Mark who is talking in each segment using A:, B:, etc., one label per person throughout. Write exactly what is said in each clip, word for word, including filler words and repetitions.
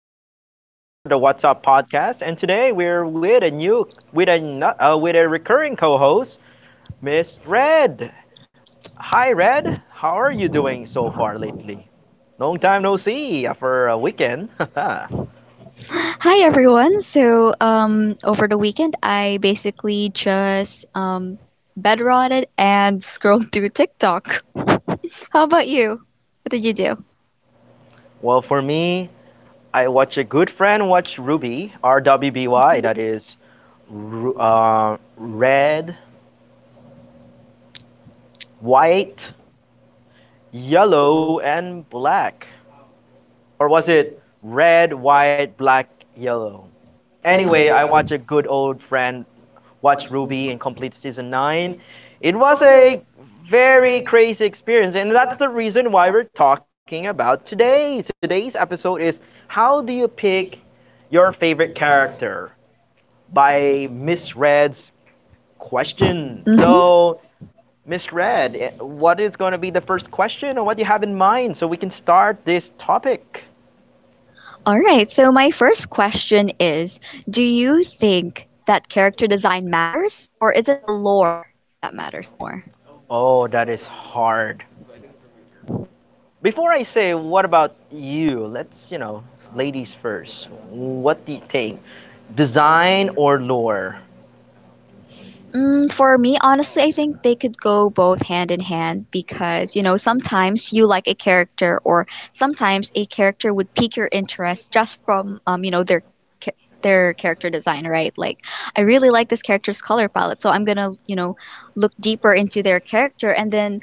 A: James, your host for the What's Up podcast, and today we're with a new, with a no- uh, with a recurring co-host, Miss Red. Hi, Red. How are you doing so far lately? Long time no see after a weekend.
B: Hi everyone. So um, over the weekend, I basically just um, bed rotted and scrolled through TikTok. How about you? What did you do?
A: Well, for me, I watch a good friend watch Ruby R W B Y.
B: Mhm.
A: That is, ru- uh, red, white, yellow, and black. Or was it red, white, black, yellow? Anyway, I watched a good old friend watch Ruby in complete season nine. It was a very crazy experience, and that's the reason why we're talking about today. Today's episode is how do you pick your favorite character by Miss Red's question.
B: Mhm.
A: So, Miss Red, eh, what is going to be the first question or what do you have in mind so we can start this topic?
B: All right. So my first question is, do you think that character design matters, or is it the lore that matters more?
A: Oh, that is hard. Before I say what about you, let's you know, ladies first. What do you think? Design or lore?
B: Mm, for me, honestly, I think they could go both hand in hand because, you know, sometimes you like a character, or sometimes a character would pique your interest just from, um, you know, their cha- their character design, right? Like, I really like this character's color palette, so I'm gonna, you know, look deeper into their character. And then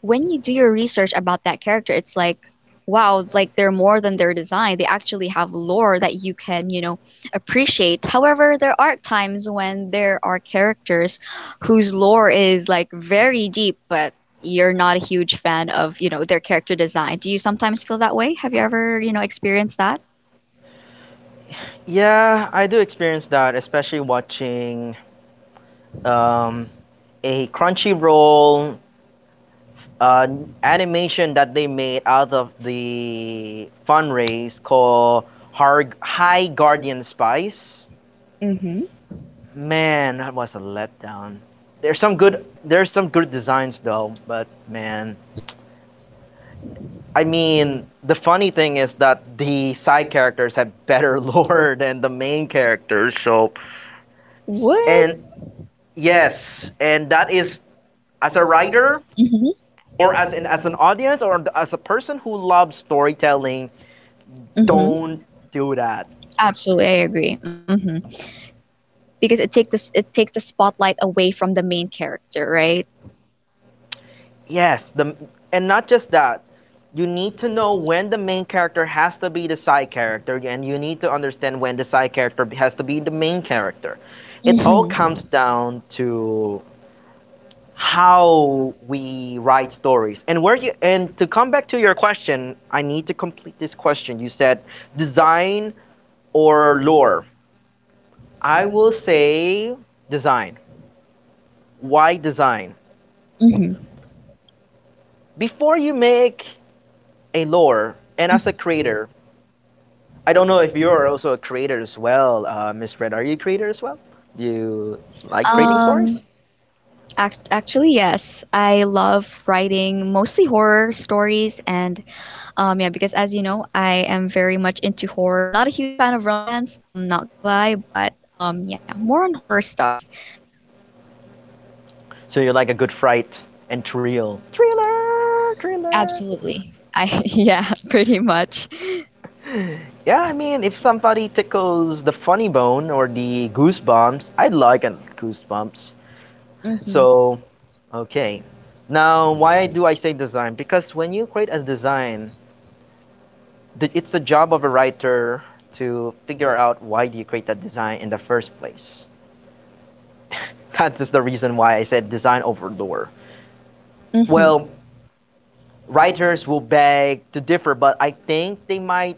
B: when you do your research about that character, it's like, wow, like they're more than their design. They actually have lore that you can, you know, appreciate. However, there are times when there are characters whose lore is like very deep, but you're not a huge fan of, you know, their character design. Do you sometimes feel that way? Have you ever, you know, experienced that?
A: Yeah, I do experience that, especially watching um, a Crunchyroll uh, animation that they made out of the fundraise called Har- High Guardian Spice.
B: Mm-hmm.
A: Man, that was a letdown. There's some good there's some good designs though, but man, I mean, the funny thing is that the side characters have better lore than the main characters. So,
B: What?
A: and yes, and that is as a writer
B: Hmm
A: or as an as an audience or as a person who loves storytelling,
B: hmm
A: don't do that.
B: Absolutely, I agree. Hmm Because it takes the, it takes the spotlight away from the main character, right?
A: Yes, the and not just that. You need to know when the main character has to be the side character, and you need to understand when the side character has to be the main character. It all
B: Mm-hmm.
A: comes down to how we write stories and where you and to come back to your question, I need to complete this question. You said design or lore. I will say design. Why design?
B: Mm-hmm.
A: Before you make a lore and as a creator, I don't know if you're also a creator as well. Uh, miss Red, are you a creator as well? Do you like creating
B: Um,
A: stories?
B: act- actually, yes. I love writing mostly horror stories, and um, yeah, because as you know, I am very much into horror. Not a huge fan of romance. I'm not gonna lie, but um, yeah, more on horror stuff.
A: So you like a good fright and thrill thriller thriller?
B: Absolutely. I yeah, pretty much.
A: Yeah, I mean, if somebody tickles the funny bone or the goosebumps, I'd like an goosebumps.
B: Mm-hmm.
A: So, okay. Now, why do I say design? Because when you create a design, th- it's the job of a writer to figure out why do you create that design in the first place. That's just the reason why I said design over lore. Well,
B: Mm-hmm.
A: writers will beg to differ, but I think they might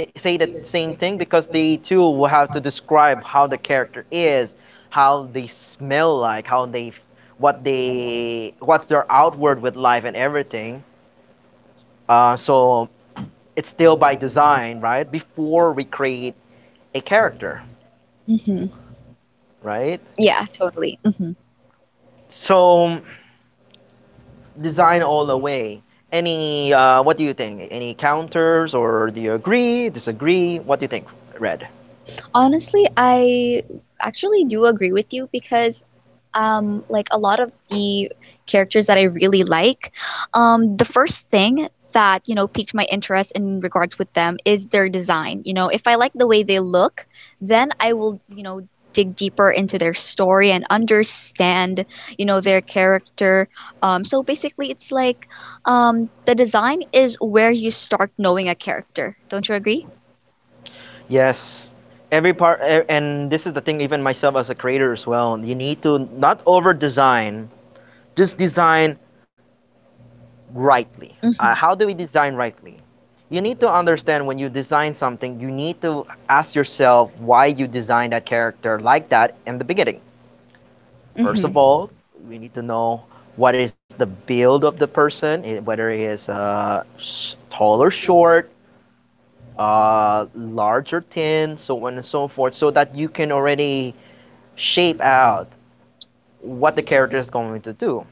A: th- say the same thing because they too will have to describe how the character is, how they smell like, how they, what they, what's their outward with life and everything. Uh, so it's still by design, right? Before we create a character,
B: Mm-hmm.
A: right?
B: Yeah, totally. Mm-hmm.
A: So design all the way. Any, uh, what do you think? Any counters or do you agree, disagree? What do you think, Red?
B: Honestly, I actually do agree with you because um, like a lot of the characters that I really like. Um, the first thing that you know piqued my interest in regards with them is their design. You know, if I like the way they look, then I will you know dig deeper into their story and understand you know their character. Um, so basically, it's like um, the design is where you start knowing a character. Don't you agree?
A: Yes. Every part, e- and this is the thing, even myself as a creator as well, you need to not over design, just design rightly. Uh, how
B: Mm-hmm.
A: do we design rightly? You need to understand when you design something, you need to ask yourself why you designed that character like that in the beginning. First
B: Mm-hmm.
A: of all, we need to know what is the build of the person, eh, whether he is uh, sh- tall or short, uh, large or thin, so on and so forth, so that you can already shape out what the character is going to do.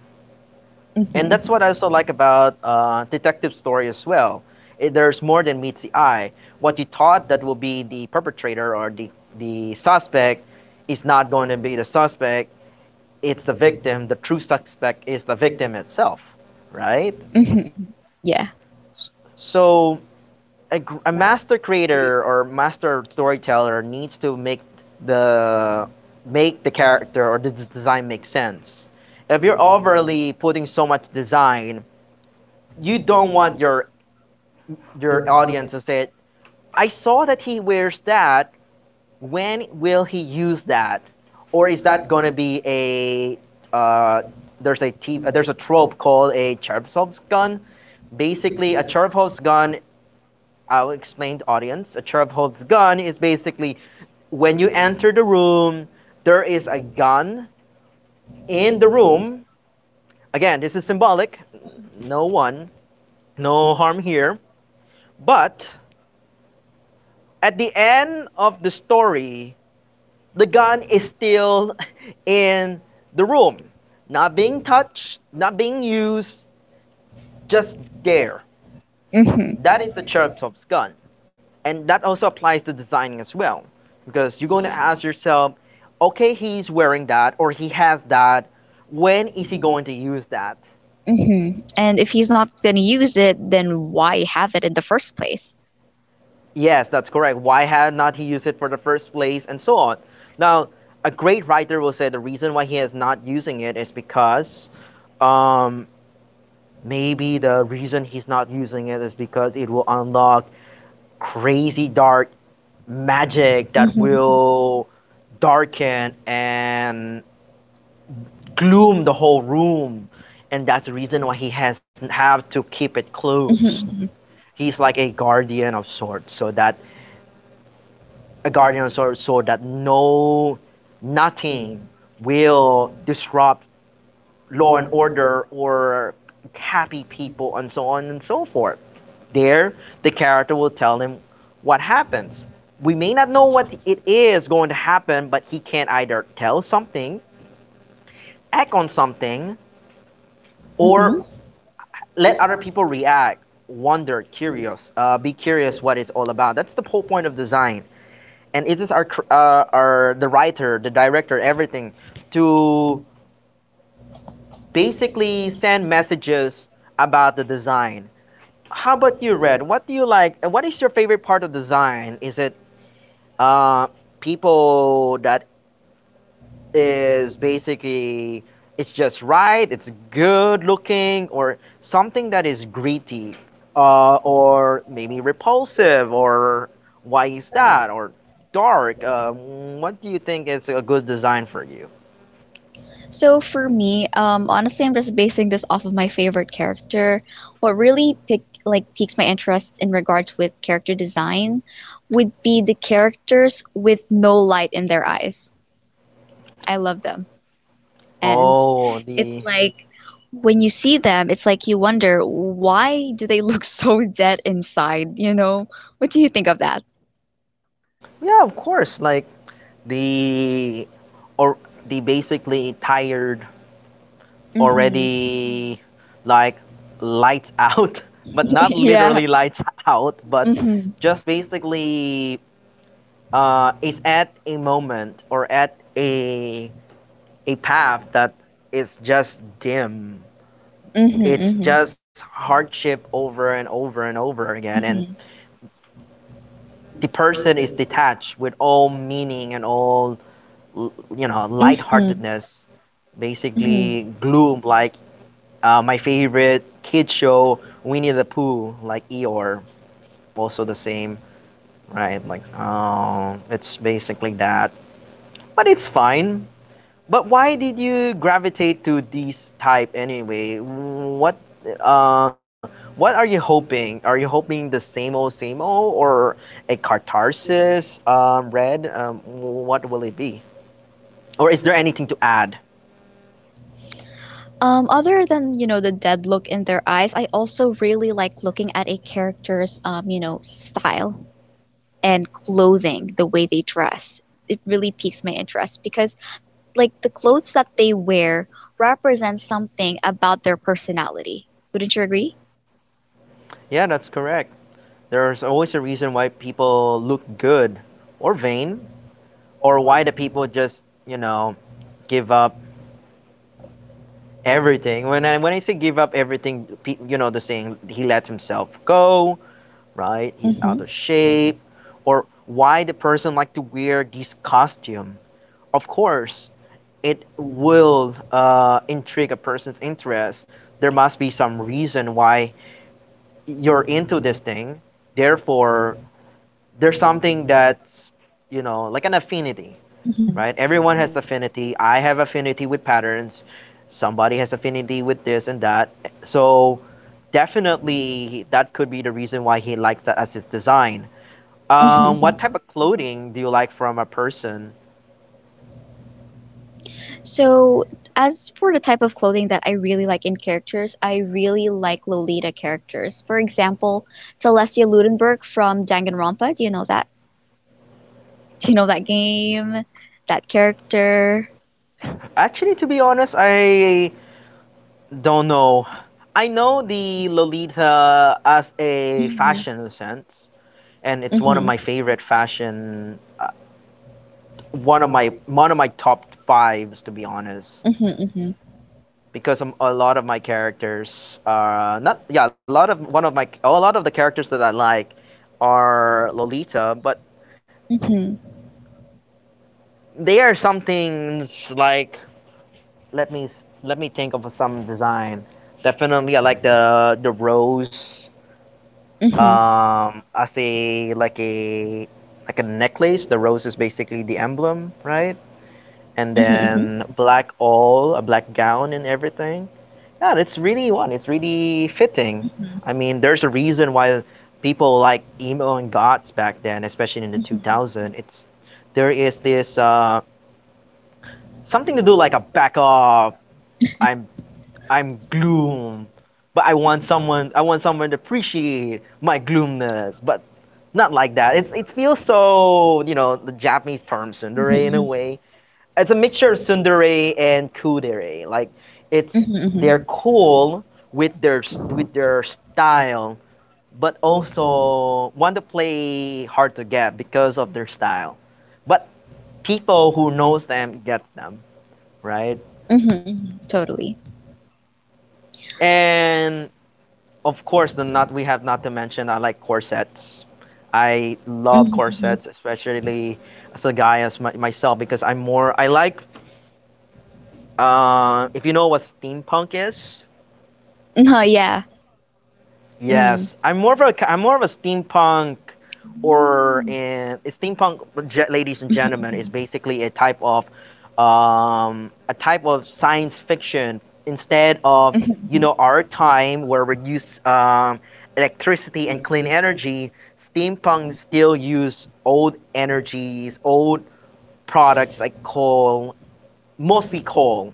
A: And that's what I also like about uh, detective story as well. It, there's more than meets the eye. What you thought that will be the perpetrator or the the suspect is not going to be the suspect. It's the victim. The true suspect is the victim itself, right?
B: Mm-hmm. Yeah.
A: So a, a master creator or master storyteller needs to make the make the character or the design make sense. If you're overly putting so much design, you don't want your your audience to say, "I saw that he wears that. When will he use that?" Or is that gonna be a uh, there's a t- uh, there's a trope called a Chekhov's gun. Basically, a Chekhov's gun I'll explain to audience. A Sheriff gun is basically when you enter the room, there is a gun in the room. Again, this is symbolic. No one, no harm here. But at the end of the story, the gun is still in the room, not being touched, not being used, just there.
B: hmm
A: That is the Sheriff gun. And that also applies to designing as well because you're going to ask yourself, okay, he's wearing that or he has that, when is he going to use that?
B: hmm And if he's not gonna use it, then why have it in the first place?
A: Yes, that's correct. Why had not he used it for the first place and so on. Now, a great writer will say the reason why he is not using it is because um, maybe the reason he's not using it is because it will unlock crazy dark magic that
B: Hmm
A: will darken and gloom the whole room, and that's the reason why he has have to keep it closed.
B: hmm
A: He's like a guardian of sorts so that a guardian of sorts so that no nothing will disrupt law and order or happy people and so on and so forth. There the character will tell him what happens. We may not know what it is going to happen, but he can either tell something, act on something,
B: hmm
A: or let other people react, wonder, curious, uh, be curious what it's all about. That's the whole point of design, and it is our uh, our the writer, the director, everything to basically send messages about the design. How about you, Red? What do you like? What is your favorite part of design? Is it uh, people that is basically it's just right, it's good looking, or something that is gritty, uh, or maybe repulsive, or why is that, or dark. Um, what do you think is a good design for you?
B: So for me, um, honestly, I'm just basing this off of my favorite character. What really pick like piques my interest in regards with character design would be the characters with no light in their eyes. I love them. And
A: Oh, the
B: it's like when you see them, it's like you wonder why do they look so dead inside, you know? What do you think of that?
A: yeah, of course, like the or the basically tired
B: Hmm
A: already like lights out, but not
B: Yeah.
A: literally lights out, but
B: hmm
A: just basically uh, is at a moment or at a a path that is just dim.
B: hmm
A: It's
B: hmm
A: just hardship over and over and over again, and the person is detached with all meaning and all l- you know
B: hmm
A: lightheartedness
B: hmm
A: basically gloom like. Uh, my favorite kid show, Winnie the Pooh, like Eeyore, also the same, right? Like, oh, it's basically that, but it's fine. But why did you gravitate to these type anyway? What, uh, what are you hoping? Are you hoping the same old, same old, or a catharsis? Um, red. Um, what will it be? Or is there anything to add?
B: Um, other than, you know, the dead look in their eyes, I also really like looking at a character's, um, you know, style and clothing, the way they dress. It really piques my interest because like the clothes that they wear represent something about their personality. Wouldn't you agree?
A: Yeah, that's correct. There's always a reason why people look good or vain or why do people just you know give up everything? When I when I say give up everything, pe- you know the saying he let himself go, right? He's out of
B: Mm-hmm,
A: shape, or why the person like to wear this costume? Of course, it will uh, intrigue a person's interest. There must be some reason why you're into this thing. Therefore, there's something that's you know like an affinity,
B: mm-hmm,
A: right? Everyone has affinity. I have affinity with patterns. Somebody has affinity with this and that. So definitely that could be the reason why he likes that as his design. Um,
B: mm-hmm.
A: what type of clothing do you like from a person?
B: So, as for the type of clothing that I really like in characters, I really like Lolita characters. For example, Celestia Ludenberg from Danganronpa. Do you know that? Do you know that game? That character?
A: Actually, to be honest, I don't know. I know the Lolita as a
B: Mm-hmm.
A: fashion sense, and it's one
B: Mm-hmm.
A: of my favorite fashion, uh, one of my one of my top fives, to be honest.
B: Mm-hmm. Mm-hmm.
A: Because um, a lot of my characters are not yeah a lot of one of my a lot of the characters that I like are Lolita, but
B: Mm-hmm.
A: they are some things like let me let me think of some design. Definitely, I like the the rose
B: Mm-hmm.
A: um as a like a like a necklace. The rose is basically the emblem, right? And
B: Mm-hmm. Mm-hmm. Mm-hmm.
A: then black all, a black gown and everything. Yeah, it's really one. It's really fitting. I mean, there's a reason why people like emo and goths back then, especially in the
B: Mm-hmm.
A: two thousands. It's there is this uh, something to do like a back off. I'm I'm gloom, but I want someone I want someone to appreciate my gloomness, but not like that. It's it feels so you know the Japanese term tsundere in a
B: Mhm,
A: way it's a mixture of tsundere and kudere. Like it's
B: mhm, mhm,
A: they're cool with their s- with their style, but also want to play hard to get because of their style. But people who knows them gets them right.
B: mhm, mhm, mhm. Totally.
A: And of course, the not we have not to mention I like corsets. I love
B: Mhm, mhm.
A: corsets, especially as a guy as my, myself because I'm more I like uh, if you know what steampunk is.
B: No, yeah. Mm,
A: Yes, I'm more of a am more of a steampunk or and steampunk, ge- ladies and gentlemen, is basically a type of um, a type of science fiction. Instead of you know our time where we use um, electricity and clean energy, steampunk still use old energies, old products like coal, mostly coal,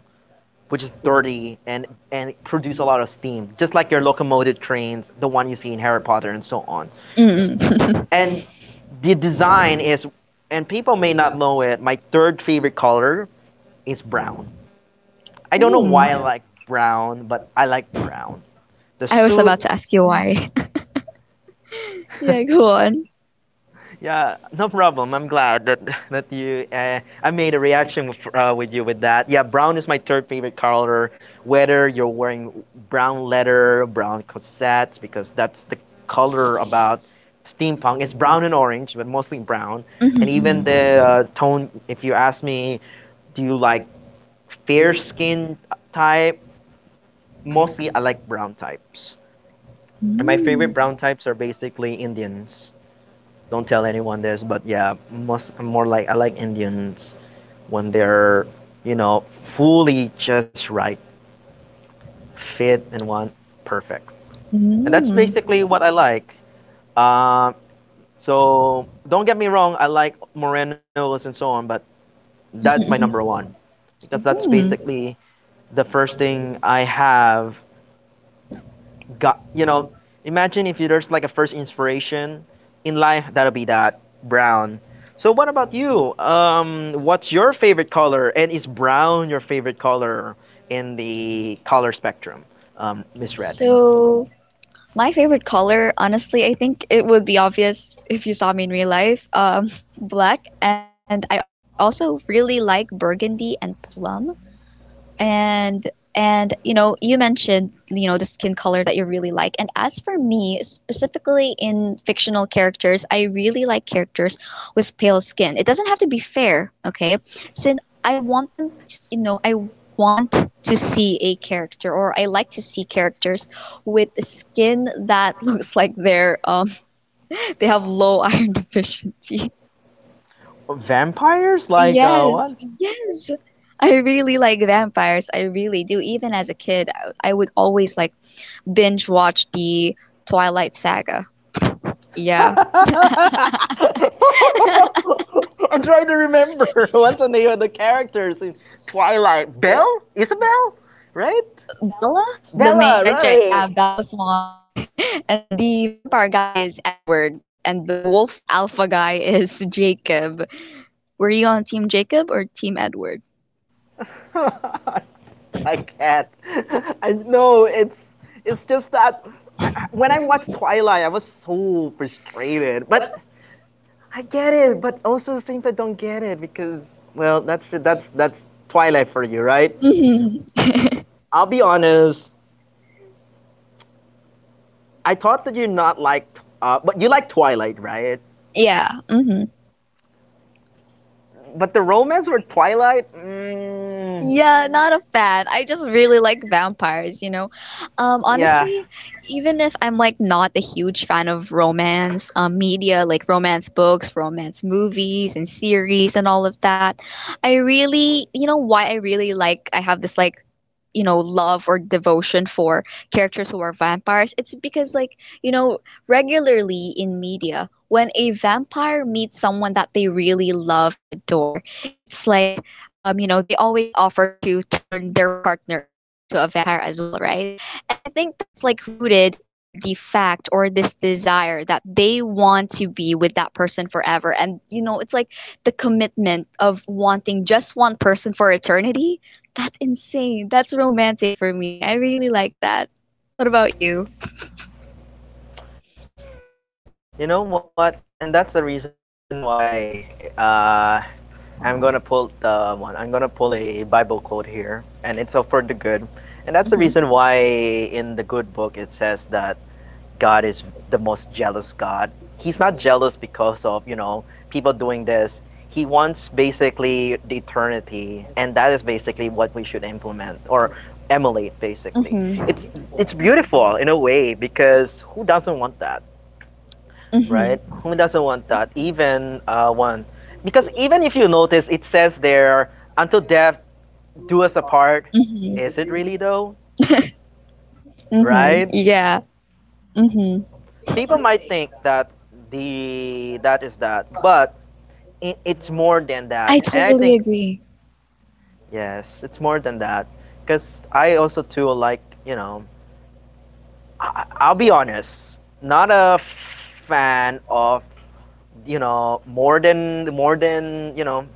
A: which is dirty and and produce a lot of steam, just like your locomotive trains, the one you see in Harry Potter and so on.
B: yes. i
A: Ste-
B: mm,
A: and the design is, and people may not know it, my third favorite color is brown. I don't know why I
B: mm.
A: like brown, but I like brown. The
B: was
A: suit.
B: about to ask you why. Yeah, go on.
A: Yeah, no problem. I'm glad that that you uh, I made a reaction with, uh, with you with that. Yeah, brown is my third favorite color. Whether you're wearing brown leather, brown corsets, because that's the color about steampunk. It's brown and orange, but mostly brown.
B: Because
A: And even the
B: Mm-hmm.
A: uh, tone. If you ask me, do you like fair skin type? Mostly, I like brown types. And my
B: my
A: favorite brown
B: Mm,
A: types are basically Indians. Don't tell anyone this, but yeah, most, more like, I like Indians when they're you know fully just right, fit and one, perfect, and that's
B: mm,
A: basically what I like. Uh, so don't get me wrong, I like Morenos and so on, but that's my number one, because that's
B: mm.
A: basically the first thing I have got. You know, imagine if there's like a first inspiration in life, that'll be that brown. So what about you? Um what's your favorite color, and is brown your favorite color in the color spectrum, um Miss Red?
B: So, my favorite color, honestly, I think it would be obvious if you saw me in real life. Um, black, and I also really like burgundy and plum, and and you know you mentioned, you know the skin color that you really like. And as for me, specifically in fictional characters, I really like characters with pale skin. It doesn't have fair, okay? Since I want them to, you know I want to see a character, or I like to see characters with skin that looks like they're um they have low iron deficiency.
A: Vampires like, uh,
B: Yes,
A: what?
B: yes. I really like vampires. I really do. Even as a kid, I I would always like binge watch the Twilight Saga. Yeah.
A: I'm trying to remember what's the name of the characters in Twilight. Belle Isabel, right?
B: Bella, the main
A: Bella,
B: character,
A: right?
B: yeah, Bella Swan. And the vampire guy is Edward, and the wolf alpha guy is Jacob. Were you on team Jacob or team Edward?
A: I can't. I know it's it's just that I, I, when I watched Twilight, I was so frustrated. But I get it. But also at the same time, don't get it because, well, that's it. That's that's Twilight for you, right?
B: Hmm
A: I'll be honest. I thought that you not like, uh, but you like Twilight, right?
B: Yeah. hmm
A: But the romance with Twilight, mm,
B: Yeah, not a fan. I just really like vampires, you know. Um, Yeah,
A: yeah.
B: honestly, even if I'm like not a huge fan of romance, um, media, like romance books, romance movies and series and all of that, I really, you know, why I really like, I have this like you know love or devotion for characters who are vampires. It's because like, you know regularly in media, when a vampire meets someone that they really love and adore, it's like, um, you know they always offer to turn their partner into a vampire as well, right? And I think that's like rooted in the fact, or this desire, that they want to be with that person forever. And you know it's like the commitment of wanting just one person for eternity. That's insane. That's romantic for me. I really like that. What about you?
A: You know what? And that's the reason why uh, I'm gonna pull the one. I'm gonna pull a Bible quote here, and it's all for the good,
B: Mm-hmm.
A: and that's the reason why in the good book it says that God is the most jealous God. He's not jealous because of you know people doing this. He wants basically the eternity, and that is basically what we should implement or emulate. Basically, it's
B: Mm-hmm.
A: it's beautiful in a way because who doesn't want that? Right? Who doesn't
B: Mm-hmm.
A: want that? Even uh, one, because even if you notice, it says there, "Until death do us apart." Is it
B: Mm-hmm.
A: really though?
B: Mm-hmm.
A: Right?
B: Yeah. Mm-hmm.
A: People might think that the that is that, but it, it's more than that.
B: I
A: And I
B: totally
A: think,
B: agree.
A: yes, it's more than that. Because I also too like you know, I, I'll be honest, not a fan of you know more than more than you know.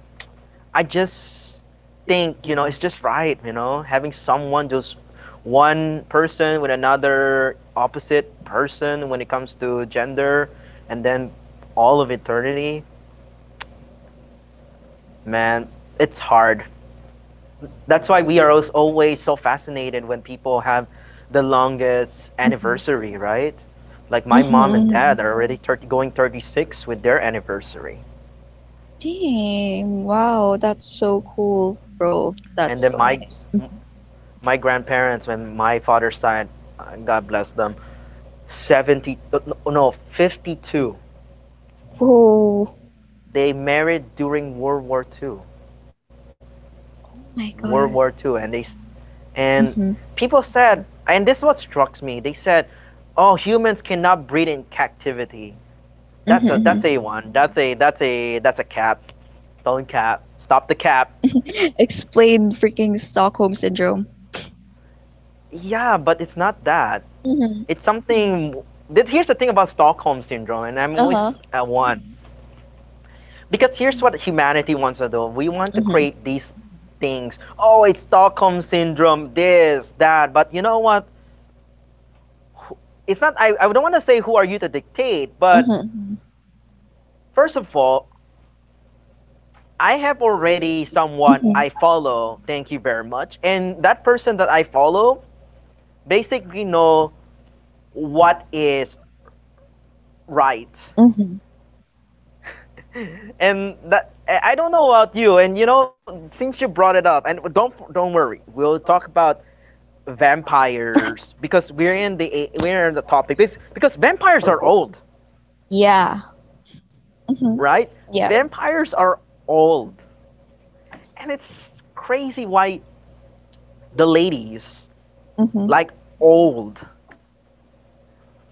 A: I just think you know it's just right, you know, having someone just one person with another opposite person when it comes to gender, and then all of eternity, man, it's hard. That's why we are als- always so fascinated when people have the longest
B: Mm-hmm.
A: anniversary, right? Like my mom and
B: Mm-hmm.
A: dad are already thirty, going thirty-six with their anniversary.
B: Dang. Wow. That's so cool, bro. That's
A: And then
B: so
A: my
B: nice. Mm-hmm.
A: my grandparents, when my father's side, uh, god bless them, seventy, uh, no, no, fifty-two.
B: Whoa.
A: They married during World War II,
B: Oh my God.
A: World War II, and they and
B: Mm-hmm.
A: people said, and this is what struck me, they said, oh, humans cannot breed in captivity. That's a, that's a
B: Mhm,
A: one, that's a that's a that's a cap. Don't cap, stop the cap.
B: mhm. Explain freaking Stockholm syndrome.
A: Yeah, but it's not that.
B: Hmm
A: It's something that, here's the thing about Stockholm syndrome, and I'm always
B: Uh-huh.
A: at one. Because here's what humanity wants to do. We want to
B: It's hmm
A: create these things. Oh, it's Stockholm syndrome, this, that. But you know what? It's not, I, I don't want to say who are you to dictate, but first of all, I have already someone
B: hmm
A: I follow. Thank you very much. And that person that I follow basically know what is right.
B: hmm hmm
A: And that, I don't know about you. And you know, since you brought it up, and don't don't worry, we'll talk about vampires because we're in the we're in the topic because because vampires are old,
B: Yeah. hmm
A: right?
B: Yeah.
A: Vampires are old, and it's crazy why the ladies
B: live hmm
A: like old,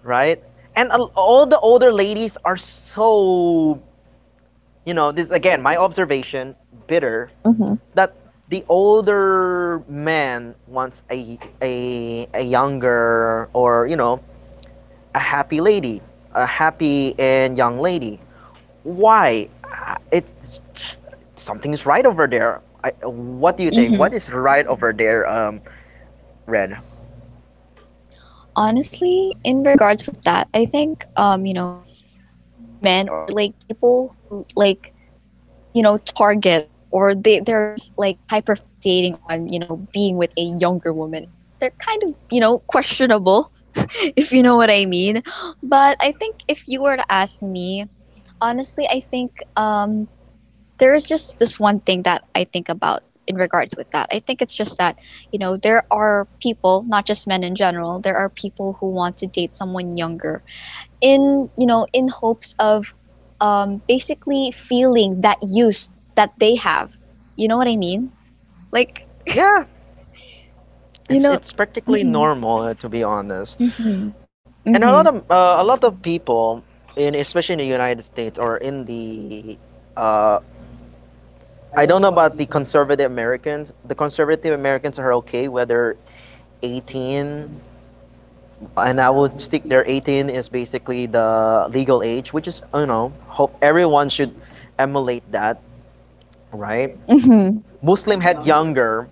A: right? And a- all the older ladies are so you know, this again, my observation, bitter.
B: hmm
A: That the older man wants a a a younger or you know a happy lady, a happy and young lady. Why? Uh, It's something is right over there. I, what do you think?
B: hmm
A: What is right over there, um, Red?
B: Honestly, in regards with that, I think um, you know, men, or like people who like you know target, or they they're just like hyper fixating on you know being with a younger woman, they're kind of you know questionable. If you know what I mean. But I think if you were to ask me honestly, I think, um there is just this one thing that I think about in regards with that. I think it's just that, you know there are people, not just men in general, there are people who want to date someone younger in you know in hopes of, um, basically feeling that youth that they have. You know what I mean? Like,
A: Yeah,
B: you know.
A: it's it's practically
B: Hmm
A: normal, uh, to be honest,
B: hmm hmm
A: and a lot of uh, a lot of people in, especially in the United States, or in the uh, I don't know about the conservative Americans. The conservative Americans are okay whether eighteen, and I would stick there. eighteen is basically the legal age, which is you know, hope everyone should emulate that.
B: hmm
A: Right?
B: hmm
A: Muslim had younger,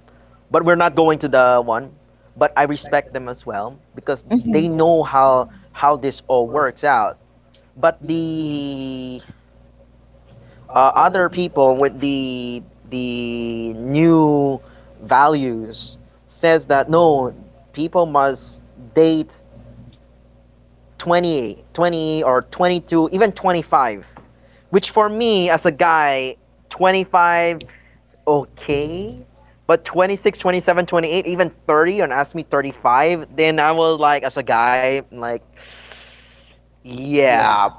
A: but we're not going to the one. But I respect them as well because they know how how this all works out. But the uh, other people with the the new values says that no, people must date twenty, twenty or twenty-two, even twenty-five. Which for me as a guy, twenty-five okay, but twenty-six twenty-seven twenty-eight, even thirty, and ask me thirty-five, then I will like, as a guy, like, yeah,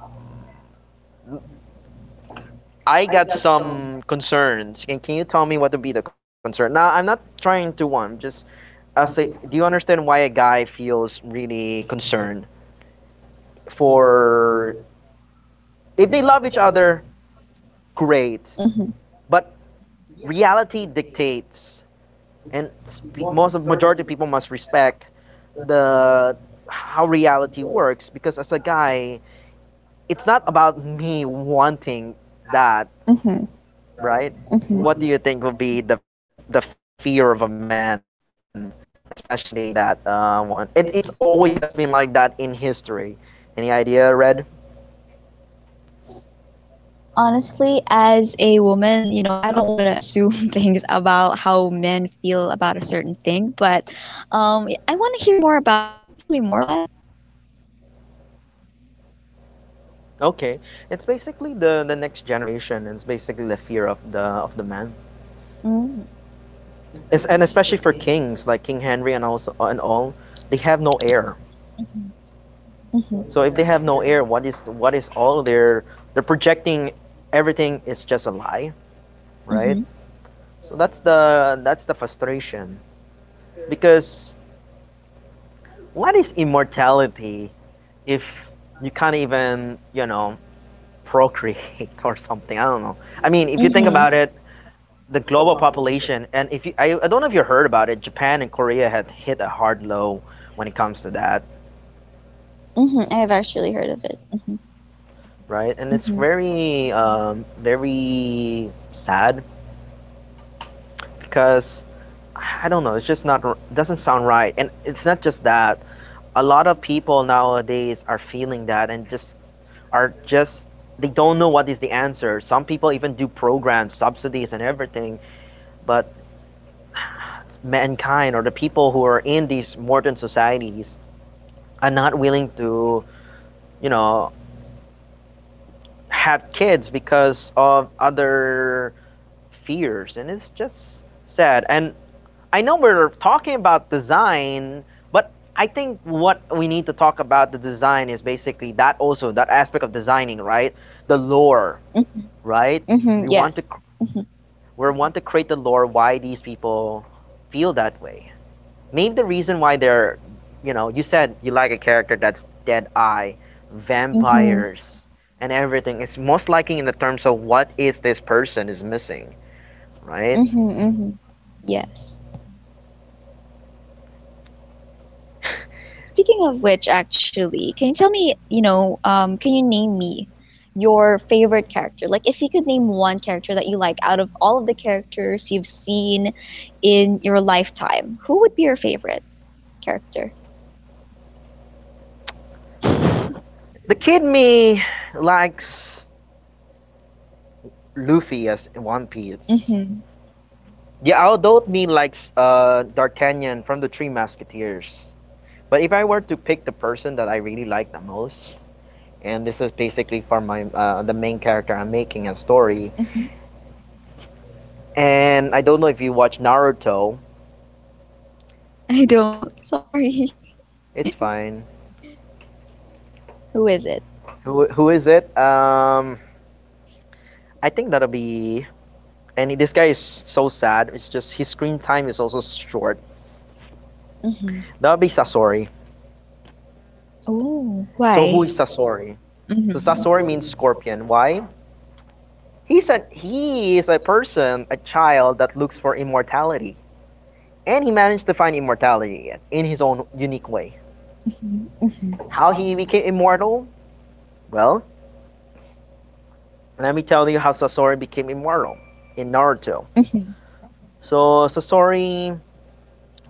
A: I got some concerns. Can can you tell me what would be the concern? Now I'm not trying to one, just I say, do you understand why a guy feels really concerned for, if they love each other, great, but reality dictates, and spe- most of majority of people must respect the how reality works, because as a guy, it's not about me wanting that, right?
B: Mhm, mhm,
A: What do you think would be the the
B: mhm.
A: fear of a man, especially that uh, one? It it's always has been like that in history. Any idea, Red?
B: Honestly, as a woman, you know, I
A: Uh,
B: don't want to assume things about how men feel about a certain thing, but um, I want to hear more about it. Can you tell me more about that?
A: okay, it's basically the the next generation. It's basically the fear of the of the man.
B: Mm,
A: It's, and especially for kings like King Henry and also and all, they have no heir.
B: mhm, mhm,
A: So if they have no air,
B: mhm,
A: what is what is all their, they're projecting, everything is just a lie, right? So that's the that's the frustration, because what is immortality if you can't even you know procreate or something? I don't know. I mean, if you think about it, the global
B: mhm,
A: population, and if you, I, I don't know if you heard about it, Japan and Korea had hit a hard low when it comes to that,
B: Mhm,
A: right? And
B: mhm,
A: it's very um, very sad, because I don't know. It's just not, doesn't sound right, and it's not just that. A lot of people nowadays are feeling that and just are just, they don't know what is the answer. Some people even do programs, subsidies, and everything, but mankind or the people who are in these modern societies are not willing to, you know, have kids because of other fears, and it's just sad. And I know we're talking about design, but I think what we need to talk about the design is basically that also that aspect of designing, right? The lore,
B: mhm,
A: right?
B: mhm.
A: We want to
B: Yes.
A: cr-
B: Mhm,
A: we want to create the lore why these people feel that way. Maybe the reason why they're, you know, you said you like a character that's dead eye,
B: mhm,
A: vampires, and everything. It's most likely in the terms of what is this person is missing, right?
B: mhm, mhm. Yes. Speaking of which, actually, can you tell me, you know, um, can you name me your favorite character? Like, if you could name one character that you like out of all of the characters you've seen in your lifetime, who would be your favorite character?
A: The kid me likes Luffy as One Piece.
B: Mm-hmm.
A: Yeah, I don't mean like uh D'Artagnan from the Three Musketeers. But if I were to pick the person that I really like the most, and this is basically for my uh, the main character I'm making a story, and I don't know if you watch Naruto,
B: I don't. Sorry.
A: it's fine.
B: Who is it?
A: Who who is it? Um, I think that'll be. And this guy is so sad. It's just his screen time is also short.
B: Mm-hmm.
A: That'll be Sasori.
B: Oh,
A: So who is
B: why?
A: Sasori? So Sasori means
B: Mm-hmm.
A: scorpion. Why? He's a he is a person, a child that looks for immortality, and he managed to find immortality in his own unique way.
B: Mm-hmm.
A: How he became immortal? Well, let me tell you how Sasori became immortal in Naruto.
B: Mm-hmm.
A: So Sasori,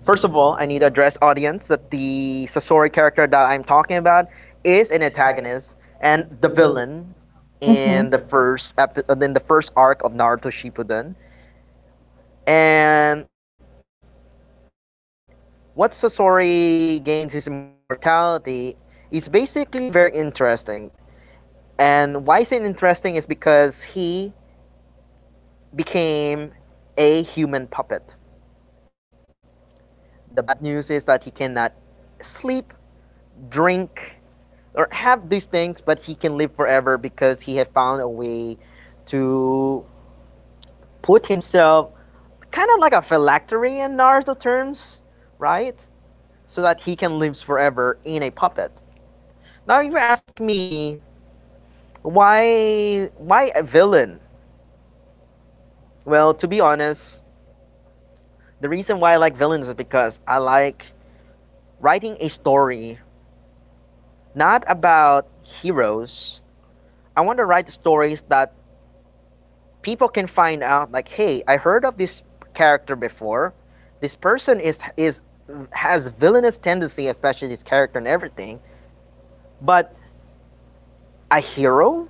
A: first of all, I need to address audience that the Sasori character that I'm talking about is an antagonist and the villain in the
B: Mm-hmm.
A: first epi- in the first arc of Naruto Shippuden, and what Sasori gains his immortality is basically very interesting. And why is it interesting is because he became a human puppet. The bad news is that he cannot sleep, drink, or have these things, but he can live forever because he had found a way to put himself kind of like a phylactery in Naruto terms, right? So that he can live forever in a puppet. Now, if you ask me, Why why a villain? Well, to be honest, the reason why I like villains is because I like writing a story not about heroes. I want to write stories that people can find out like, "Hey, I heard of this character before. This person is is has villainous tendency, especially this character and everything." But a hero?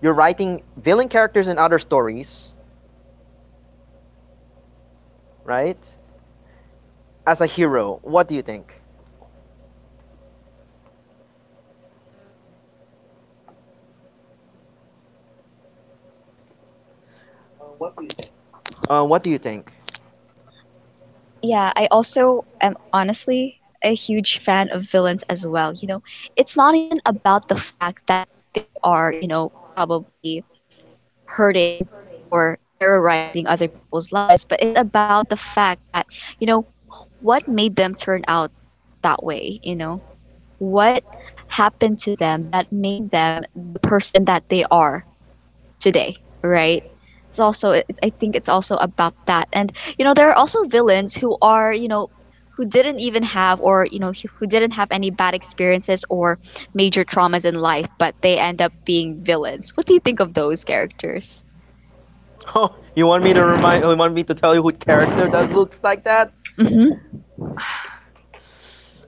A: You're writing villain characters in other stories, right? As a hero, what do you think? Uh, what do you think?
B: Yeah, I also am honestly a huge fan of villains as well. You know, it's not even about the fact that they are, you know, probably um, hurting or terrorizing other people's lives, but it's about the fact that, you know, what made them turn out that way, you know? What happened to them that made them the person that they are today, right? It's also, it's, I think it's also about that. And you know, there are also villains who are, you know, who didn't even have, or, you know, who who didn't have any bad experiences or major traumas in life, but they end up being villains. What do you think of those characters?
A: Oh, you want me to remind? You want me to tell you who character that looks like that?
B: Mhm.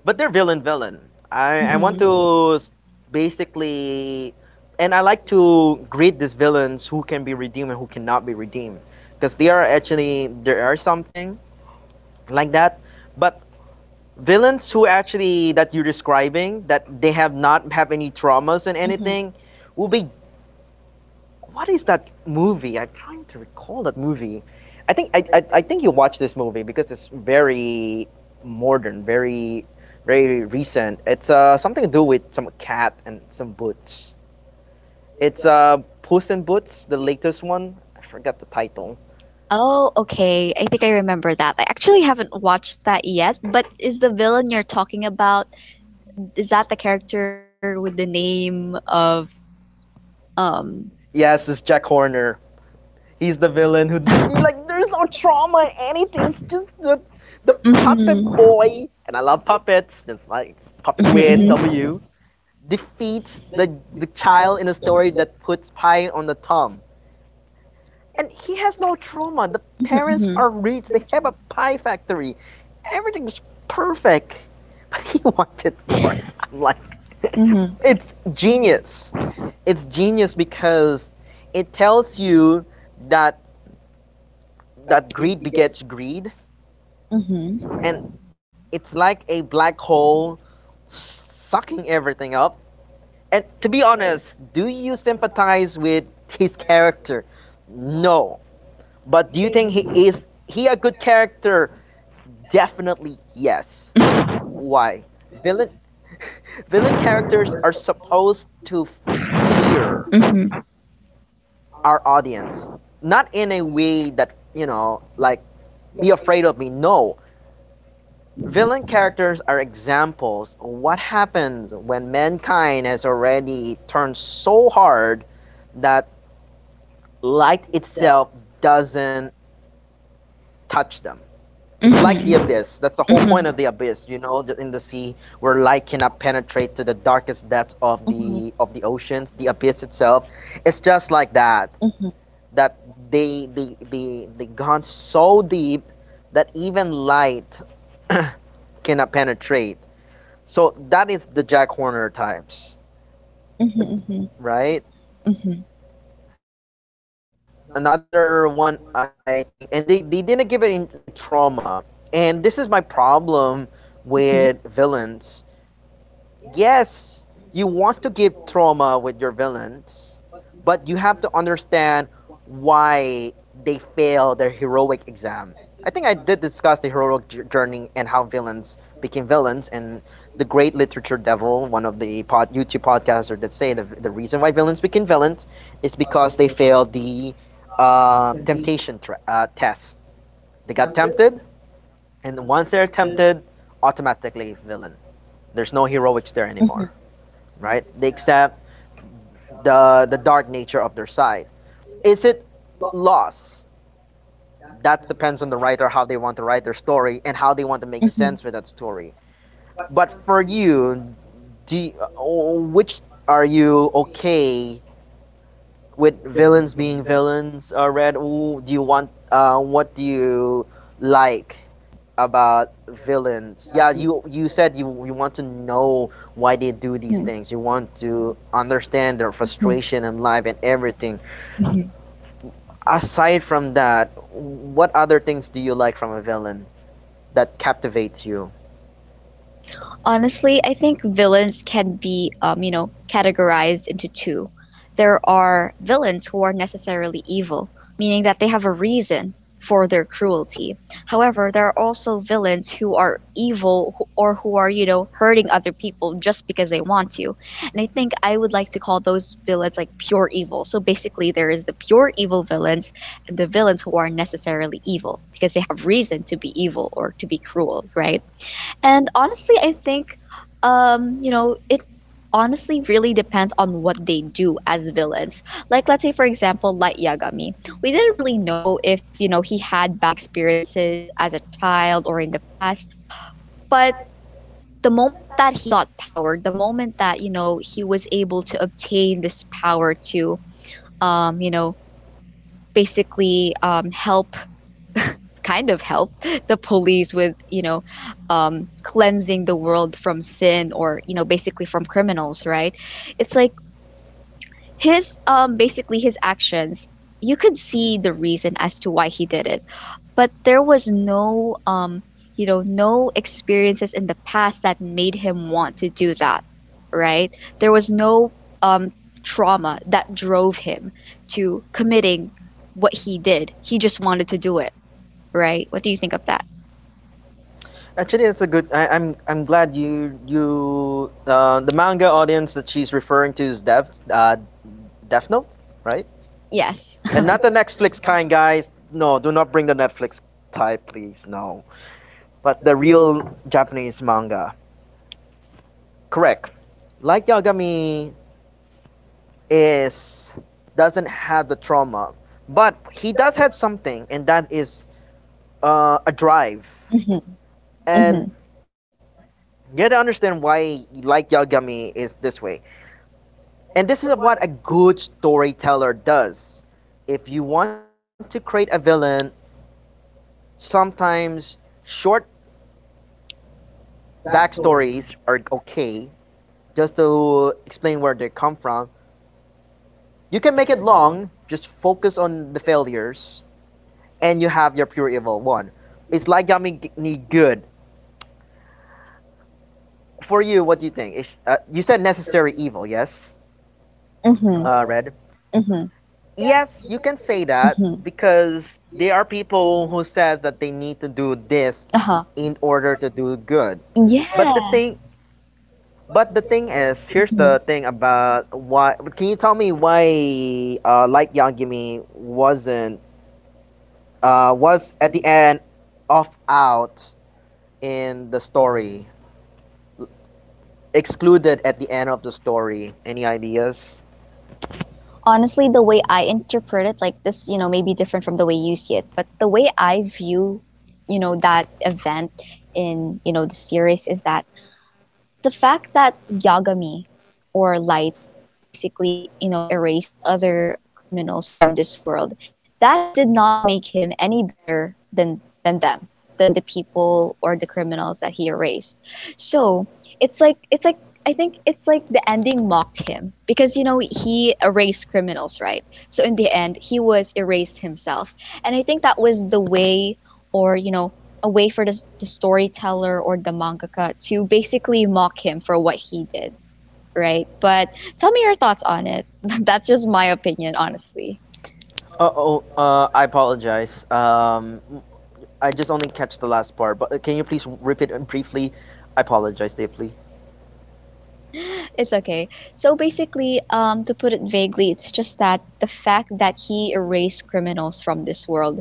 A: But they're villain, villain. I I want
B: Mhm.
A: to s- basically, and I like to grade these villains who can be redeemed and who cannot be redeemed, because they are actually there are something like that. But villains who actually that you're describing that they have not have any traumas and
B: Mhm.
A: anything will be what is that movie? I'm trying to recall that movie. I think I, I, I think you watch this movie because it's very modern, very very recent. It's uh something to do with some cat and some boots. It's uh Puss in Boots, the latest one. I forgot the title.
B: Oh, okay. I think I remember that. I actually haven't watched that yet, but is the villain you're talking about, is that the character with the name of um?
A: Yes, it's Jack Horner. He's the villain who he, like there's no trauma, anything. It's just the the
B: Mhm.
A: puppet boy, and I love puppets. Just like puppet win
B: Mhm.
A: W. defeats the, the child in a story that puts pie on the thumb. And he has no trauma. The parents are
B: Mhm.
A: rich. They have a pie factory. Everything's perfect. But he wanted more. I'm like,
B: Mhm.
A: it's genius. It's genius because it tells you that that greed begets greed,
B: Mhm.
A: and it's like a black hole sucking everything up and to be honest, do you sympathize with his character? No. But do you think he is he a good character? Definitely yes. Why? Villain villain characters are supposed to fear
B: Mhm.
A: our audience. Not in a way that, you know, like be afraid of me. No. Villain characters are examples of what happens when mankind has already turned so hard that light itself doesn't touch them. It's
B: Mhm.
A: like the abyss. That's the
B: Mhm.
A: whole point of the abyss, you know, the- in the sea where light cannot penetrate to the darkest depths of
B: Mhm.
A: the of the oceans, the abyss itself. It's just like that. That they they they they gone so deep that even light cannot penetrate. So that is the Jack Horner types,
B: Mhm. Mhm. Mhm.
A: right?
B: Mhm.
A: Another one I think, and they, they didn't give it in, the trauma, and this is my problem with villains. Yes, you want to give trauma with your villains, but you have to understand why they fail their heroic exam. I think I did discuss the heroic j- journey and how villains became villains, and the great literature devil, one of the pod, YouTube podcasters that say the, the reason why villains became villains is because they failed the uh, temptation tra- uh, test. They got tempted, and once they're tempted, automatically villain. There's no heroics there
B: Mhm. Mhm.
A: anymore,
B: Mhm.
A: right? They accept the the dark nature of their side. Is it loss? That depends on the writer how they want to write their story and how they want to make
B: Mhm.
A: sense with that story. But for you, do you- oh, which are you okay with villains being villains? Uh, Red, ooh, do you want? Uh, what do you like about villains. Yeah, you you said you you want to know why they do these things. You want to understand their
B: Mhm.
A: frustration in life and everything.
B: Mhm.
A: Aside from that, what other things do you like from a villain that captivates you?
B: Honestly, I think villains can be, um, you know, categorized into two. There are villains who are necessarily evil, meaning that they have a reason for their cruelty. However, there are also villains who are evil wh- or who are, you know, hurting other people just because they want to. And I think I would like to call those villains like pure evil. So basically, there is the pure evil villains, and the villains who are necessarily evil because they have reason to be evil or to be cruel, right? And honestly, I think, um, you know, it honestly really depends on what they do as villains. Like, let's say, for example, Light Yagami. We didn't really know if, you know, he had bad experiences as a child or in the past, but the moment that he got power, the moment that, you know, he was able to obtain this power to, um, you know, basically um, help kind of help the police with, you know, um, cleansing the world from sin, or, you know, basically from criminals, right? It's like his um, basically his actions, you could see the reason as to why he did it, but there was no, um, you know, no experiences in the past that made him want to do that, right? There was no, um, trauma that drove him to committing what he did. He just wanted to do it, right? What do you think of that?
A: Actually, it's a good. I, I'm I'm glad you you uh, the manga audience that she's referring to is Dev uh, Death Note, right?
B: Yes.
A: And not the Netflix kind, guys. No, do not bring the Netflix type, please. No, but the real Japanese manga. Correct. Like Yagami is doesn't have the trauma, but he does have something, and that is uh, a drive.
B: Mhm.
A: And you have to understand why like Yagami is this way. And this is what a good storyteller does. If you want to create a villain, sometimes short backstories are okay just to explain where they come from. You can make it long, just focus on the failures and you have your pure evil one. It's like Yami ni good. For you, what do you think? Is uh, you said necessary evil? Yes,
B: Mhm. Mhm.
A: uh, Red.
B: Mhm. Mhm.
A: Yes, you can say that because there are people who says that they need to do this
B: Uh-huh.
A: in order to do good.
B: Yeah.
A: But the thing, but the thing is, here's
B: Hmm.
A: the thing about why. Can you tell me why uh, Light Yagami wasn't uh, was at the end off out in the story? Excluded at the end of the story. Any ideas?
B: Honestly, the way I interpret it, like this, you know, may be different from the way you see it, but the way I view, you know, that event in, you know, the series is that the fact that Yagami, or Light, basically, you know, erased other criminals from this world, that did not make him any better than than them, than the people or the criminals that he erased. So it's like it's like I think it's like the ending mocked him because, you know, he erased criminals, right? So in the end, he was erased himself, and I think that was the way, or, you know, a way for the, the storyteller or the mangaka to basically mock him for what he did, right? But tell me your thoughts on it. That's just my opinion, honestly.
A: Uh oh, uh, I apologize. Um, I just only catch the last part, but uh, can you please repeat it briefly? I apologize deeply.
B: It's okay. So basically, um, to put it vaguely, it's just that the fact that he erased criminals from this world,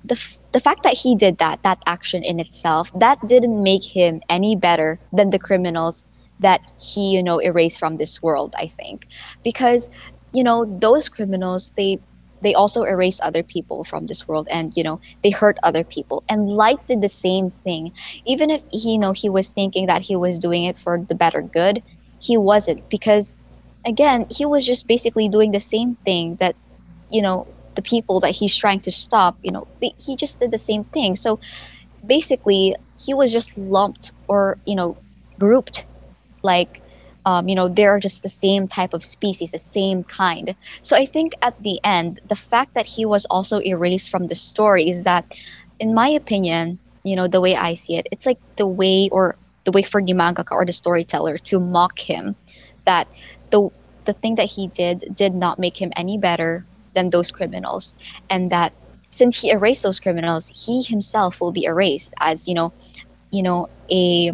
B: the f- the fact that he did that, that action in itself, that didn't make him any better than the criminals that he, you know, erased from this world. I think because, you know, those criminals, they they also erase other people from this world, and, you know, they hurt other people, and Light did the same thing. Even if he, you know, he was thinking that he was doing it for the better good, he wasn't, because again, he was just basically doing the same thing that, you know, the people that he's trying to stop, you know, they, he just did the same thing. So basically he was just lumped, or, you know, grouped, like, um, you know, they're just the same type of species, the same kind. So I think at the end, the fact that he was also erased from the story is that, in my opinion, you know, the way I see it, it's like the way, or the way for the mangaka or the storyteller to mock him, that the the thing that he did did not make him any better than those criminals, and that since he erased those criminals, he himself will be erased as, you know, you know, a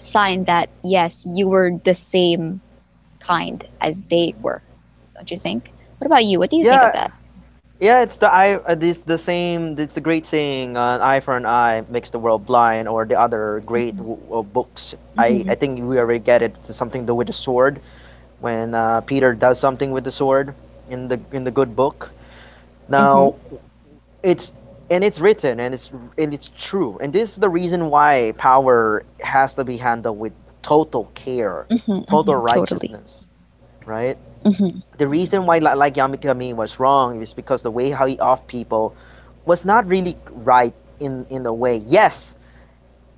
B: sign that yes, you were the same kind as they were. Don't you think? What about you? What do you think of
A: Yeah,
B: that?
A: yeah, it's the eye. Uh, it's the same. It's the great saying, uh, "An eye for an eye makes the world blind," or the other
B: Mm-hmm.
A: great w- uh, books. I I
B: Mm-hmm.
A: think we already get it. It's something to with the sword. When uh, Peter does something with the sword in the in the good book.
B: Mm-hmm.
A: Now it's and it's written and it's and it's true and this is the reason why power has to be handled with total care,
B: Mm-hmm. Mm-hmm.
A: total
B: Totally.
A: righteousness, right?
B: Mm-hmm.
A: The reason why li- like Yamikami was wrong is because the way how he off people was not really right. in in a way yes,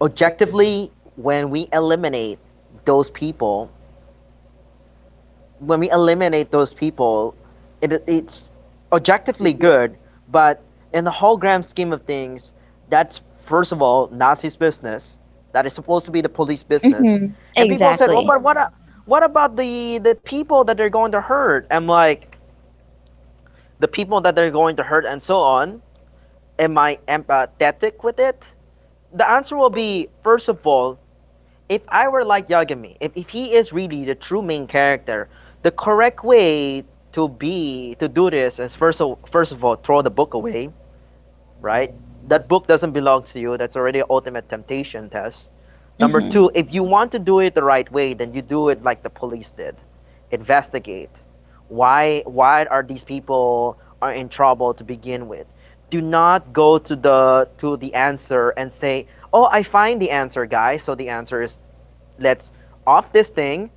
A: objectively, when we eliminate those people, when we eliminate those people, it, it's objectively good, but in the whole grand scheme of things, that's first of all not his business. That is supposed to be the police business.
B: Mm-hmm.
A: And people said, well,
B: Exactly.
A: but what, a- what about the, the people that they're going to hurt? I'm like, the people that they're going to hurt and so on. Am I empathetic with it? The answer will be, first of all, if I were like Yagami, if, if he is really the true main character, the correct way to be to do this is first of, first of all throw the book away, right? That book doesn't belong to you. That's already an ultimate temptation test. Number
B: Mm-hmm.
A: two, if you want to do it the right way, then you do it like the police did. Investigate why why are these people are in trouble to begin with. Do not go to the to the answer and say, "Oh, I find the answer, guys." So the answer is let's off this thing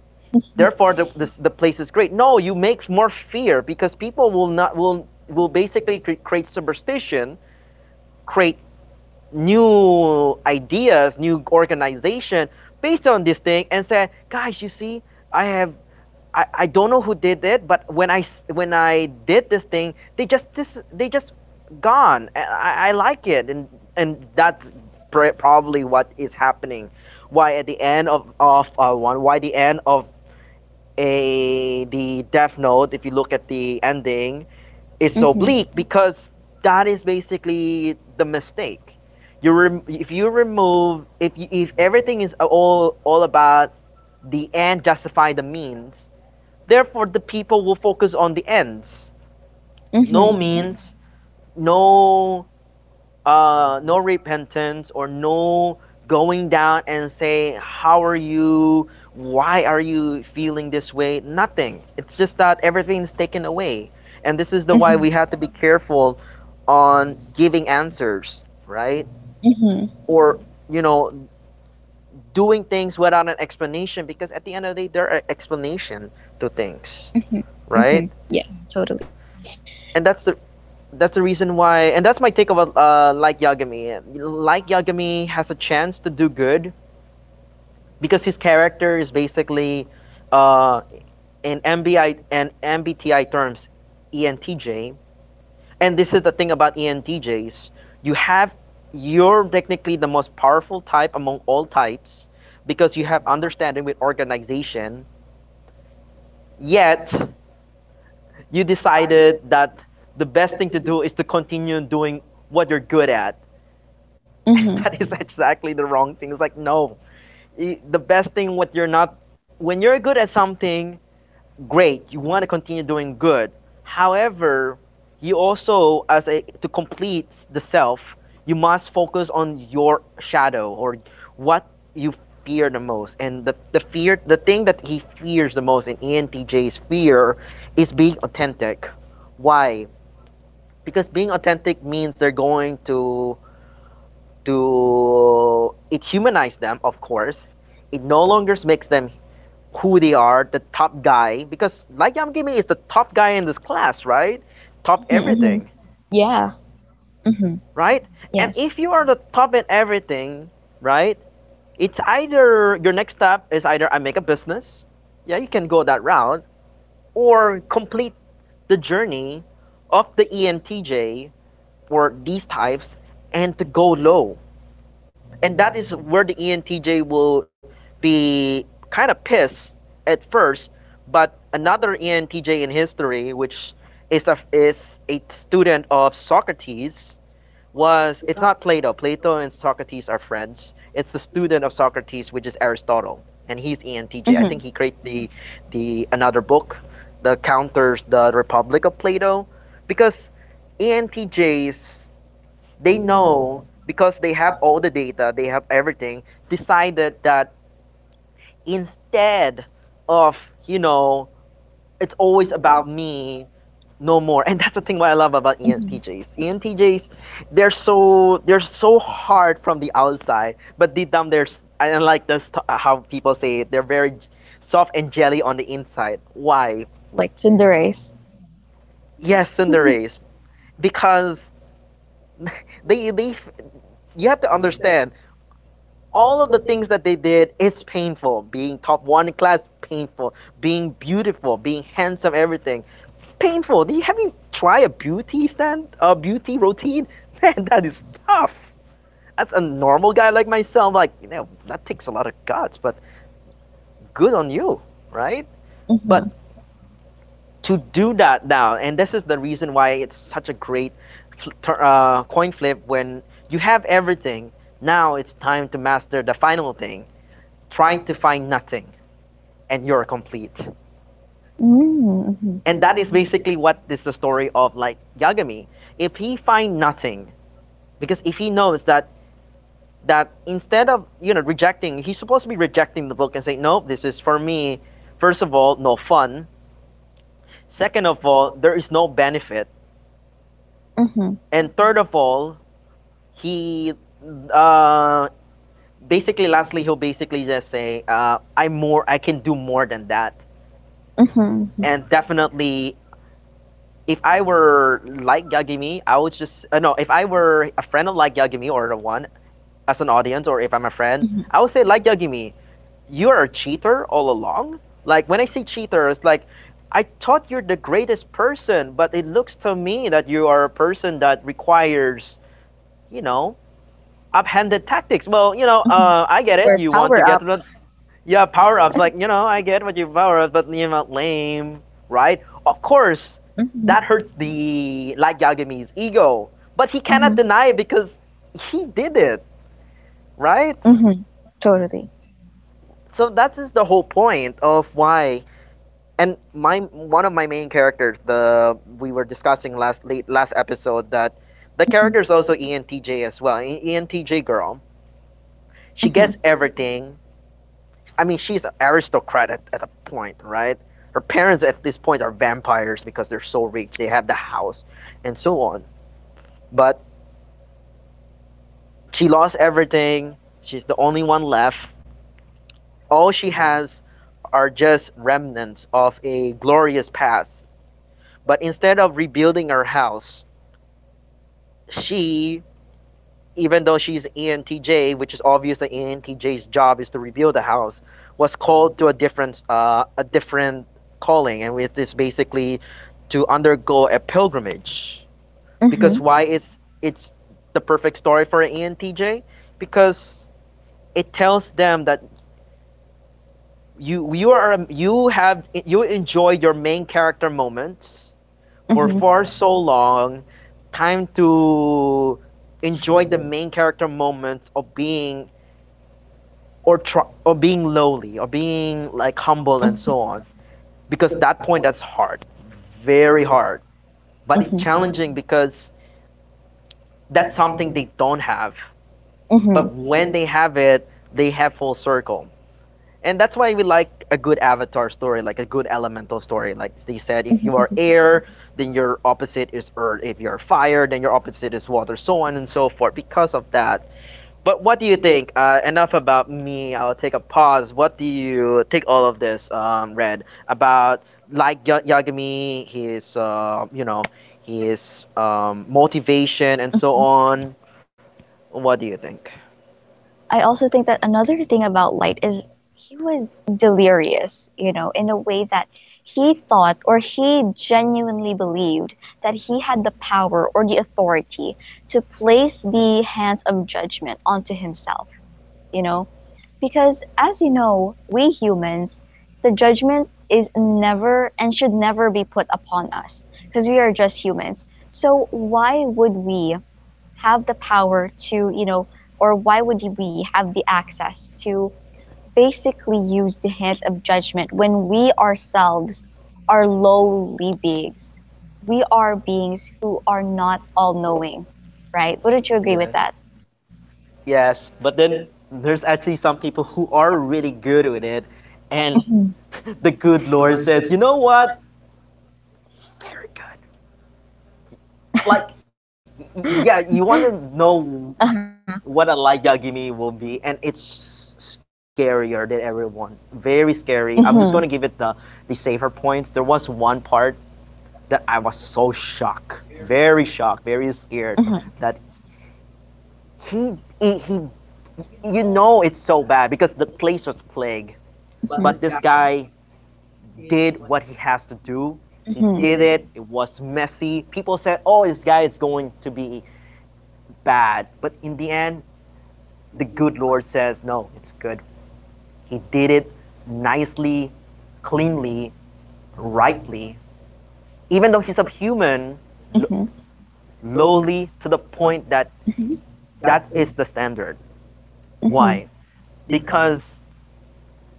A: therefore the, this, the place is great. No, you make more fear because people will not will will basically create superstition, create new ideas, new organization based on this thing and said, guys, you see, I have I, I don't know who did it, but when I s- when I did this thing, they just this they just gone. And I, I like it, and and that's pr- probably what is happening. Why at the end of of uh, one? Why the end of a the Death Note? If you look at the ending, it's
B: Mm-hmm.
A: oblique
B: Mm-hmm.
A: because that is basically the mistake. You rem- if you remove if you, if everything is all all about the end justify the means, therefore the people will focus on the ends. No
B: Mm-hmm.
A: means, no uh, no repentance or no going down and say how are you why are you feeling this way nothing it's just that everything's taken away and this is the why we have to be careful on giving answers, right?
B: Mm-hmm.
A: Or you know, doing things without an explanation because at the end of the day there are explanation to things,
B: Mm-hmm.
A: right?
B: Mm-hmm. Yes, totally.
A: And that's the that's the reason why and that's my take of uh, like Yagami. Like Yagami has a chance to do good because his character is basically uh, in M B I and M B T I terms E N T J. And this is the thing about E N T Js: you have you're technically the most powerful type among all types because you have understanding with organization. Yet you decided that the best thing to do is to continue doing what you're good at.
B: Mm-hmm.
A: That is exactly the wrong thing. It's like, no, E, the best thing what you're not when you're good at something great you want to continue doing good. However, you also as a to complete the self you must focus on your shadow or what you fear the most. And the, the fear, the thing that he fears the most in entj's fear is being authentic. Why? Because being authentic means they're going to to it, humanize them. Of course, it no longer makes them who they are, the top guy, because like Yamgimi is the top guy in this class, right? Top
B: Mm-hmm.
A: everything,
B: Yeah. Mm-hmm.
A: right? And
B: Yes.
A: if you are the top in everything, right? It's either your next step is either I make a business, yeah, you can go that route, or complete the journey of the E N T J for these types and to go low. And that is where the E N T J will be kind of pissed at first. But another E N T J in history, which is a, is a student of Socrates, was, it's not Plato. Plato and Socrates are friends. It's the student of Socrates, which is Aristotle, and he's E N T J.
B: Mm-hmm.
A: I think he created the the another book that counters the Republic of Plato, because E N T Js, they know, because they have all the data, they have everything, decided that instead of, you know, it's always about me, no more. And that's the thing what I love about
B: Mm-hmm.
A: E N T Js. E N T Js, they're so they're so hard from the outside, but deep down they're s- I don't like this how people say it, they're very soft and jelly on the inside. Why?
B: Like gender race.
A: Yes, Sundares, because they they you have to understand all of the things that they did. It's painful being top one in class, painful being beautiful, being handsome, everything. It's painful. Do you have, you try a beauty stand, a beauty routine? Man, that is tough. That's a normal guy like myself, like, you know, that takes a lot of guts, but good on you, right?
B: Mm-hmm.
A: But to do that now, and this is the reason why it's such a great uh, coin flip. When you have everything, now it's time to master the final thing, trying to find nothing, and you're complete.
B: Mm-hmm. Mm-hmm.
A: And that is basically what is the story of like Yagami. If he find nothing, because if he knows that that instead of, you know, rejecting, he's supposed to be rejecting the book and say, no, this is for me. First of all, no fun. Second of all, there is no benefit.
B: Mm-hmm.
A: And third of all, he uh, basically lastly he'll basically just say, uh, I'm more, I can do more than that.
B: Mm-hmm.
A: And definitely, if I were like Yagami, I would just uh, no. If I were a friend of like Yagami or the one as an audience, or if I'm a friend, I would say, like Yagami, you are a cheater all along. Like when I see cheaters, like, I thought you're the greatest person, but it looks to me that you are a person that requires, you know, uphanded tactics. Well, you know,
B: Mm-hmm.
A: uh, I get it.
B: Or
A: You want to
B: power
A: get to the,
B: ups.
A: yeah, power ups. Like, you know, I get what you power ups, but, you know, lame, right? Of course, that hurts
B: Mm-hmm.
A: the like Yagami's ego, but he
B: Mm-hmm.
A: cannot deny it because he did it, right?
B: Mm-hmm. Totally.
A: So that is the whole point of why. And my one of my main characters, the we were discussing last late, last episode that the character is also E N T J as well. E- ENTJ girl. She gets
B: Mm-hmm.
A: everything. I mean, she's an aristocrat at, at a point, right? Her parents at this point are vampires because they're so rich. They have the house and so on. But she lost everything. She's the only one left. All she has are just remnants of a glorious past. But instead of rebuilding her house, she, even though she's E N T J, which is obvious that E N T J's job is to rebuild the house, was called to a different uh, a different calling, and it is basically to undergo a pilgrimage.
B: Mm-hmm.
A: Because why
B: Mm-hmm.
A: is it's the perfect story for an E N T J? Because it tells them that you you are you have you enjoy your main character moments for
B: Mm-hmm.
A: far so long. Time to enjoy the main character moments of being, or try, or being lowly or being like humble and so on, because that point, that's hard, very hard. But it's challenging because that's something they don't have.
B: Mm-hmm.
A: But when they
B: Mm-hmm.
A: have it, they have full circle. And that's why we like a good avatar story, like a good elemental story, like they said, if you are
B: Hmm.
A: air, then your opposite is earth. If you're fire, then your opposite is water, so on and so forth, because of that. But what do you think? Uh, enough about me. I'll take a pause. What do you take all of this, um, Red, about like Ya- Yagami, his, uh, you know, his um, motivation and so on? What do you think?
B: I also think that another thing about Light is he was delirious, you know, in a way that he thought, or he genuinely believed, that he had the power or the authority to place the hands of judgment onto himself, you know? Because as you know, we humans, the judgment is never and should never be put upon us because we are just humans. So why would we have the power to, you know, or why would we have the access to basically use the hands of judgment when we ourselves are lowly beings? We are beings who are not all knowing, right? Wouldn't you agree with that?
A: Yeah. Yes, but then there's actually some people who are really good with it,
B: Mhm.
A: and the good Lord says, you know what? Very good. Like, yeah, you want to
B: Uh-huh.
A: know what a light yagimi will be, and it's scarier than everyone.
B: I.
A: Very
B: Mhm.
A: scary. I'm just going to give it the the safer points. There was one part that I was so shocked, very shocked, very
B: Mhm.
A: scared, that he, he, he you know, it's so bad because the place was plague,
B: Mhm.
A: but this guy did what he has to
B: Mhm.
A: do. He did it. It was messy. People said, oh, this guy is going to be bad, but in the end, the good Lord says, no, it's good. He did it nicely, cleanly, rightly. Even though he's a human,
B: Mhm.
A: lowly, to the point that,
B: Mhm.
A: that is the standard.
B: Mhm.
A: Why? Because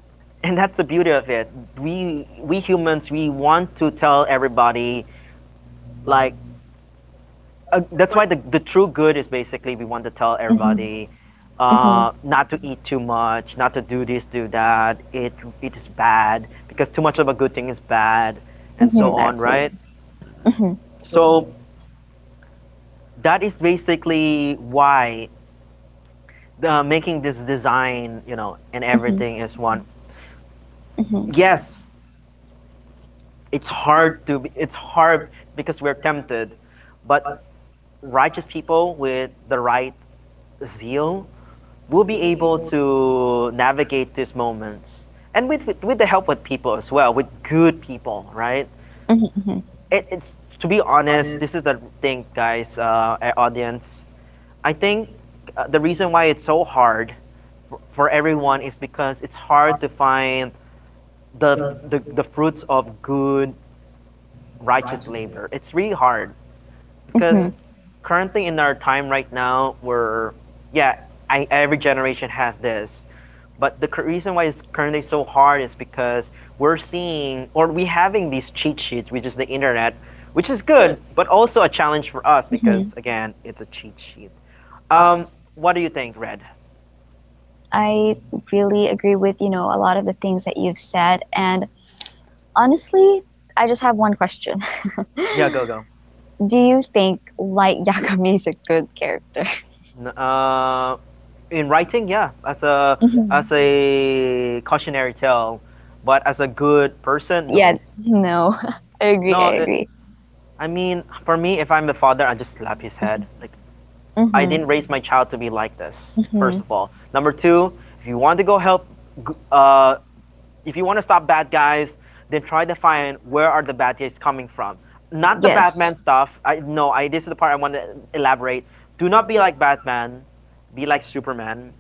A: and that's the beauty of it. We we humans, we want to tell everybody, like, uh, that's why the, the true good is basically we want to tell
B: Hmm.
A: everybody
B: Hmm.
A: uh, not to eat too much, not to do this, do that. It it is bad because too much of a good thing is bad, and
B: Mm-hmm.
A: so on,
B: Absolutely.
A: right?
B: Mm-hmm.
A: So that is basically why the, making this design, you know, and
B: Mm-hmm.
A: everything is one.
B: Everything. Mm-hmm.
A: Yes, it's hard to be- it's hard because we're tempted, but righteous people with the right zeal we'll be able to navigate these moments, and with, with, with the help with people as well, with good people, right?
B: Mm-hmm. Mm-hmm.
A: It, it's to be honest, this is the thing, guys, uh, audience, I think uh, the reason why it's so hard for, for everyone is because it's hard to find the, the the fruits of good righteous labor. It's really hard, because currently in our time right now we're, yeah, I, every generation has this. But the reason why it's currently so hard is because we're seeing or we having these cheat sheets, which is the internet, which is good, but also a challenge for us
B: Hmm.
A: because, again, it's a cheat sheet. Um, what do you think, Red?
B: I really agree with, you know, a lot of the things that you've said. And honestly, I just have one question.
A: Yeah, go go.
B: Do you think Light Yagami is a good character?
A: Uh, in writing, yeah, as a, as
B: Mm-hmm.
A: a cautionary tale, but as a good person,
B: Yeah,
A: no,
B: no, I agree,
A: no.
B: I
A: It,
B: agree.
A: I mean, for me, if I'm the father, I just slap his head. Like, I didn't
B: Mm-hmm.
A: raise my child to be like this. First
B: Mm-hmm.
A: of all, number two, if you want to go help, uh, if you want to stop bad guys, then try to find where are the bad guys coming from. Not the
B: Yes.
A: Batman stuff. I, no, I, this is the part I want to elaborate. Do not be like Batman. Be like Superman,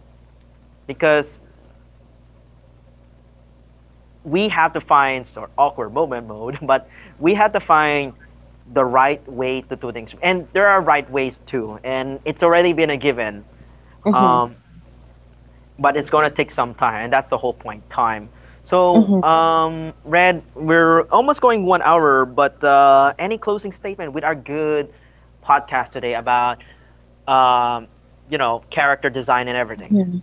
A: because we have to find sort of awkward moment mode, but we have to find the right way to do things. And there are right ways too, and it's already been a given.
B: Mm-hmm.
A: Um, but it's going to take some time, and that's the whole point, time. So,
B: Hmm.
A: um, Red, we're almost going one hour, but uh, any closing statement with our good podcast today about, um, you know, character design and everything?
B: Hmm.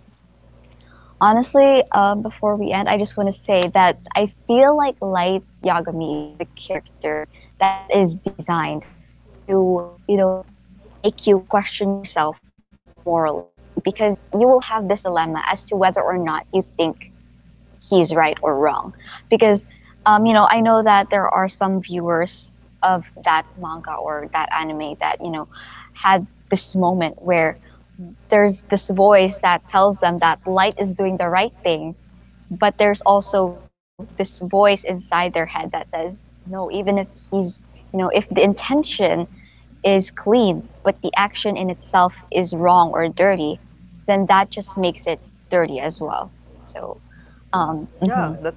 B: Honestly, um, before we end, I just want to say that I feel like Light Yagami is a character that is designed to, you know, make you question yourself morally, because you will have this dilemma as to whether or not you think he's right or wrong, because, um, you know, I know that there are some viewers of that manga or that anime that, you know, had this moment where there's this voice that tells them that Light is doing the right thing, but there's also this voice inside their head that says no, even if he's, you know, if the intention is clean, but the action in itself is wrong or dirty, then that just makes it dirty as well. So
A: Yeah,
B: um
A: that's right.
B: mhm.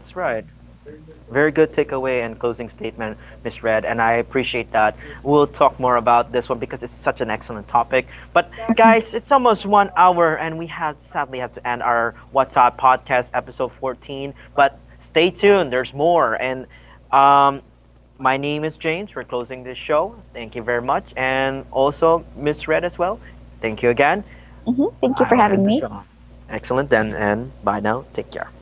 A: Very good takeaway and closing statement, Miss Red, and I appreciate that. We'll talk more about this one because it's such an excellent topic. But guys, it's almost one hour, and we have sadly have to end our What's Up podcast episode fourteen. But stay tuned, there's more. And um, my name is James. We're closing this show. Thank you very much, and also Miss Red as well. Thank you again.
B: Hmm.
A: I
B: Thank you
A: will
B: for
A: end the
B: having
A: show.
B: me.
A: Excellent, then, and bye now. Take care.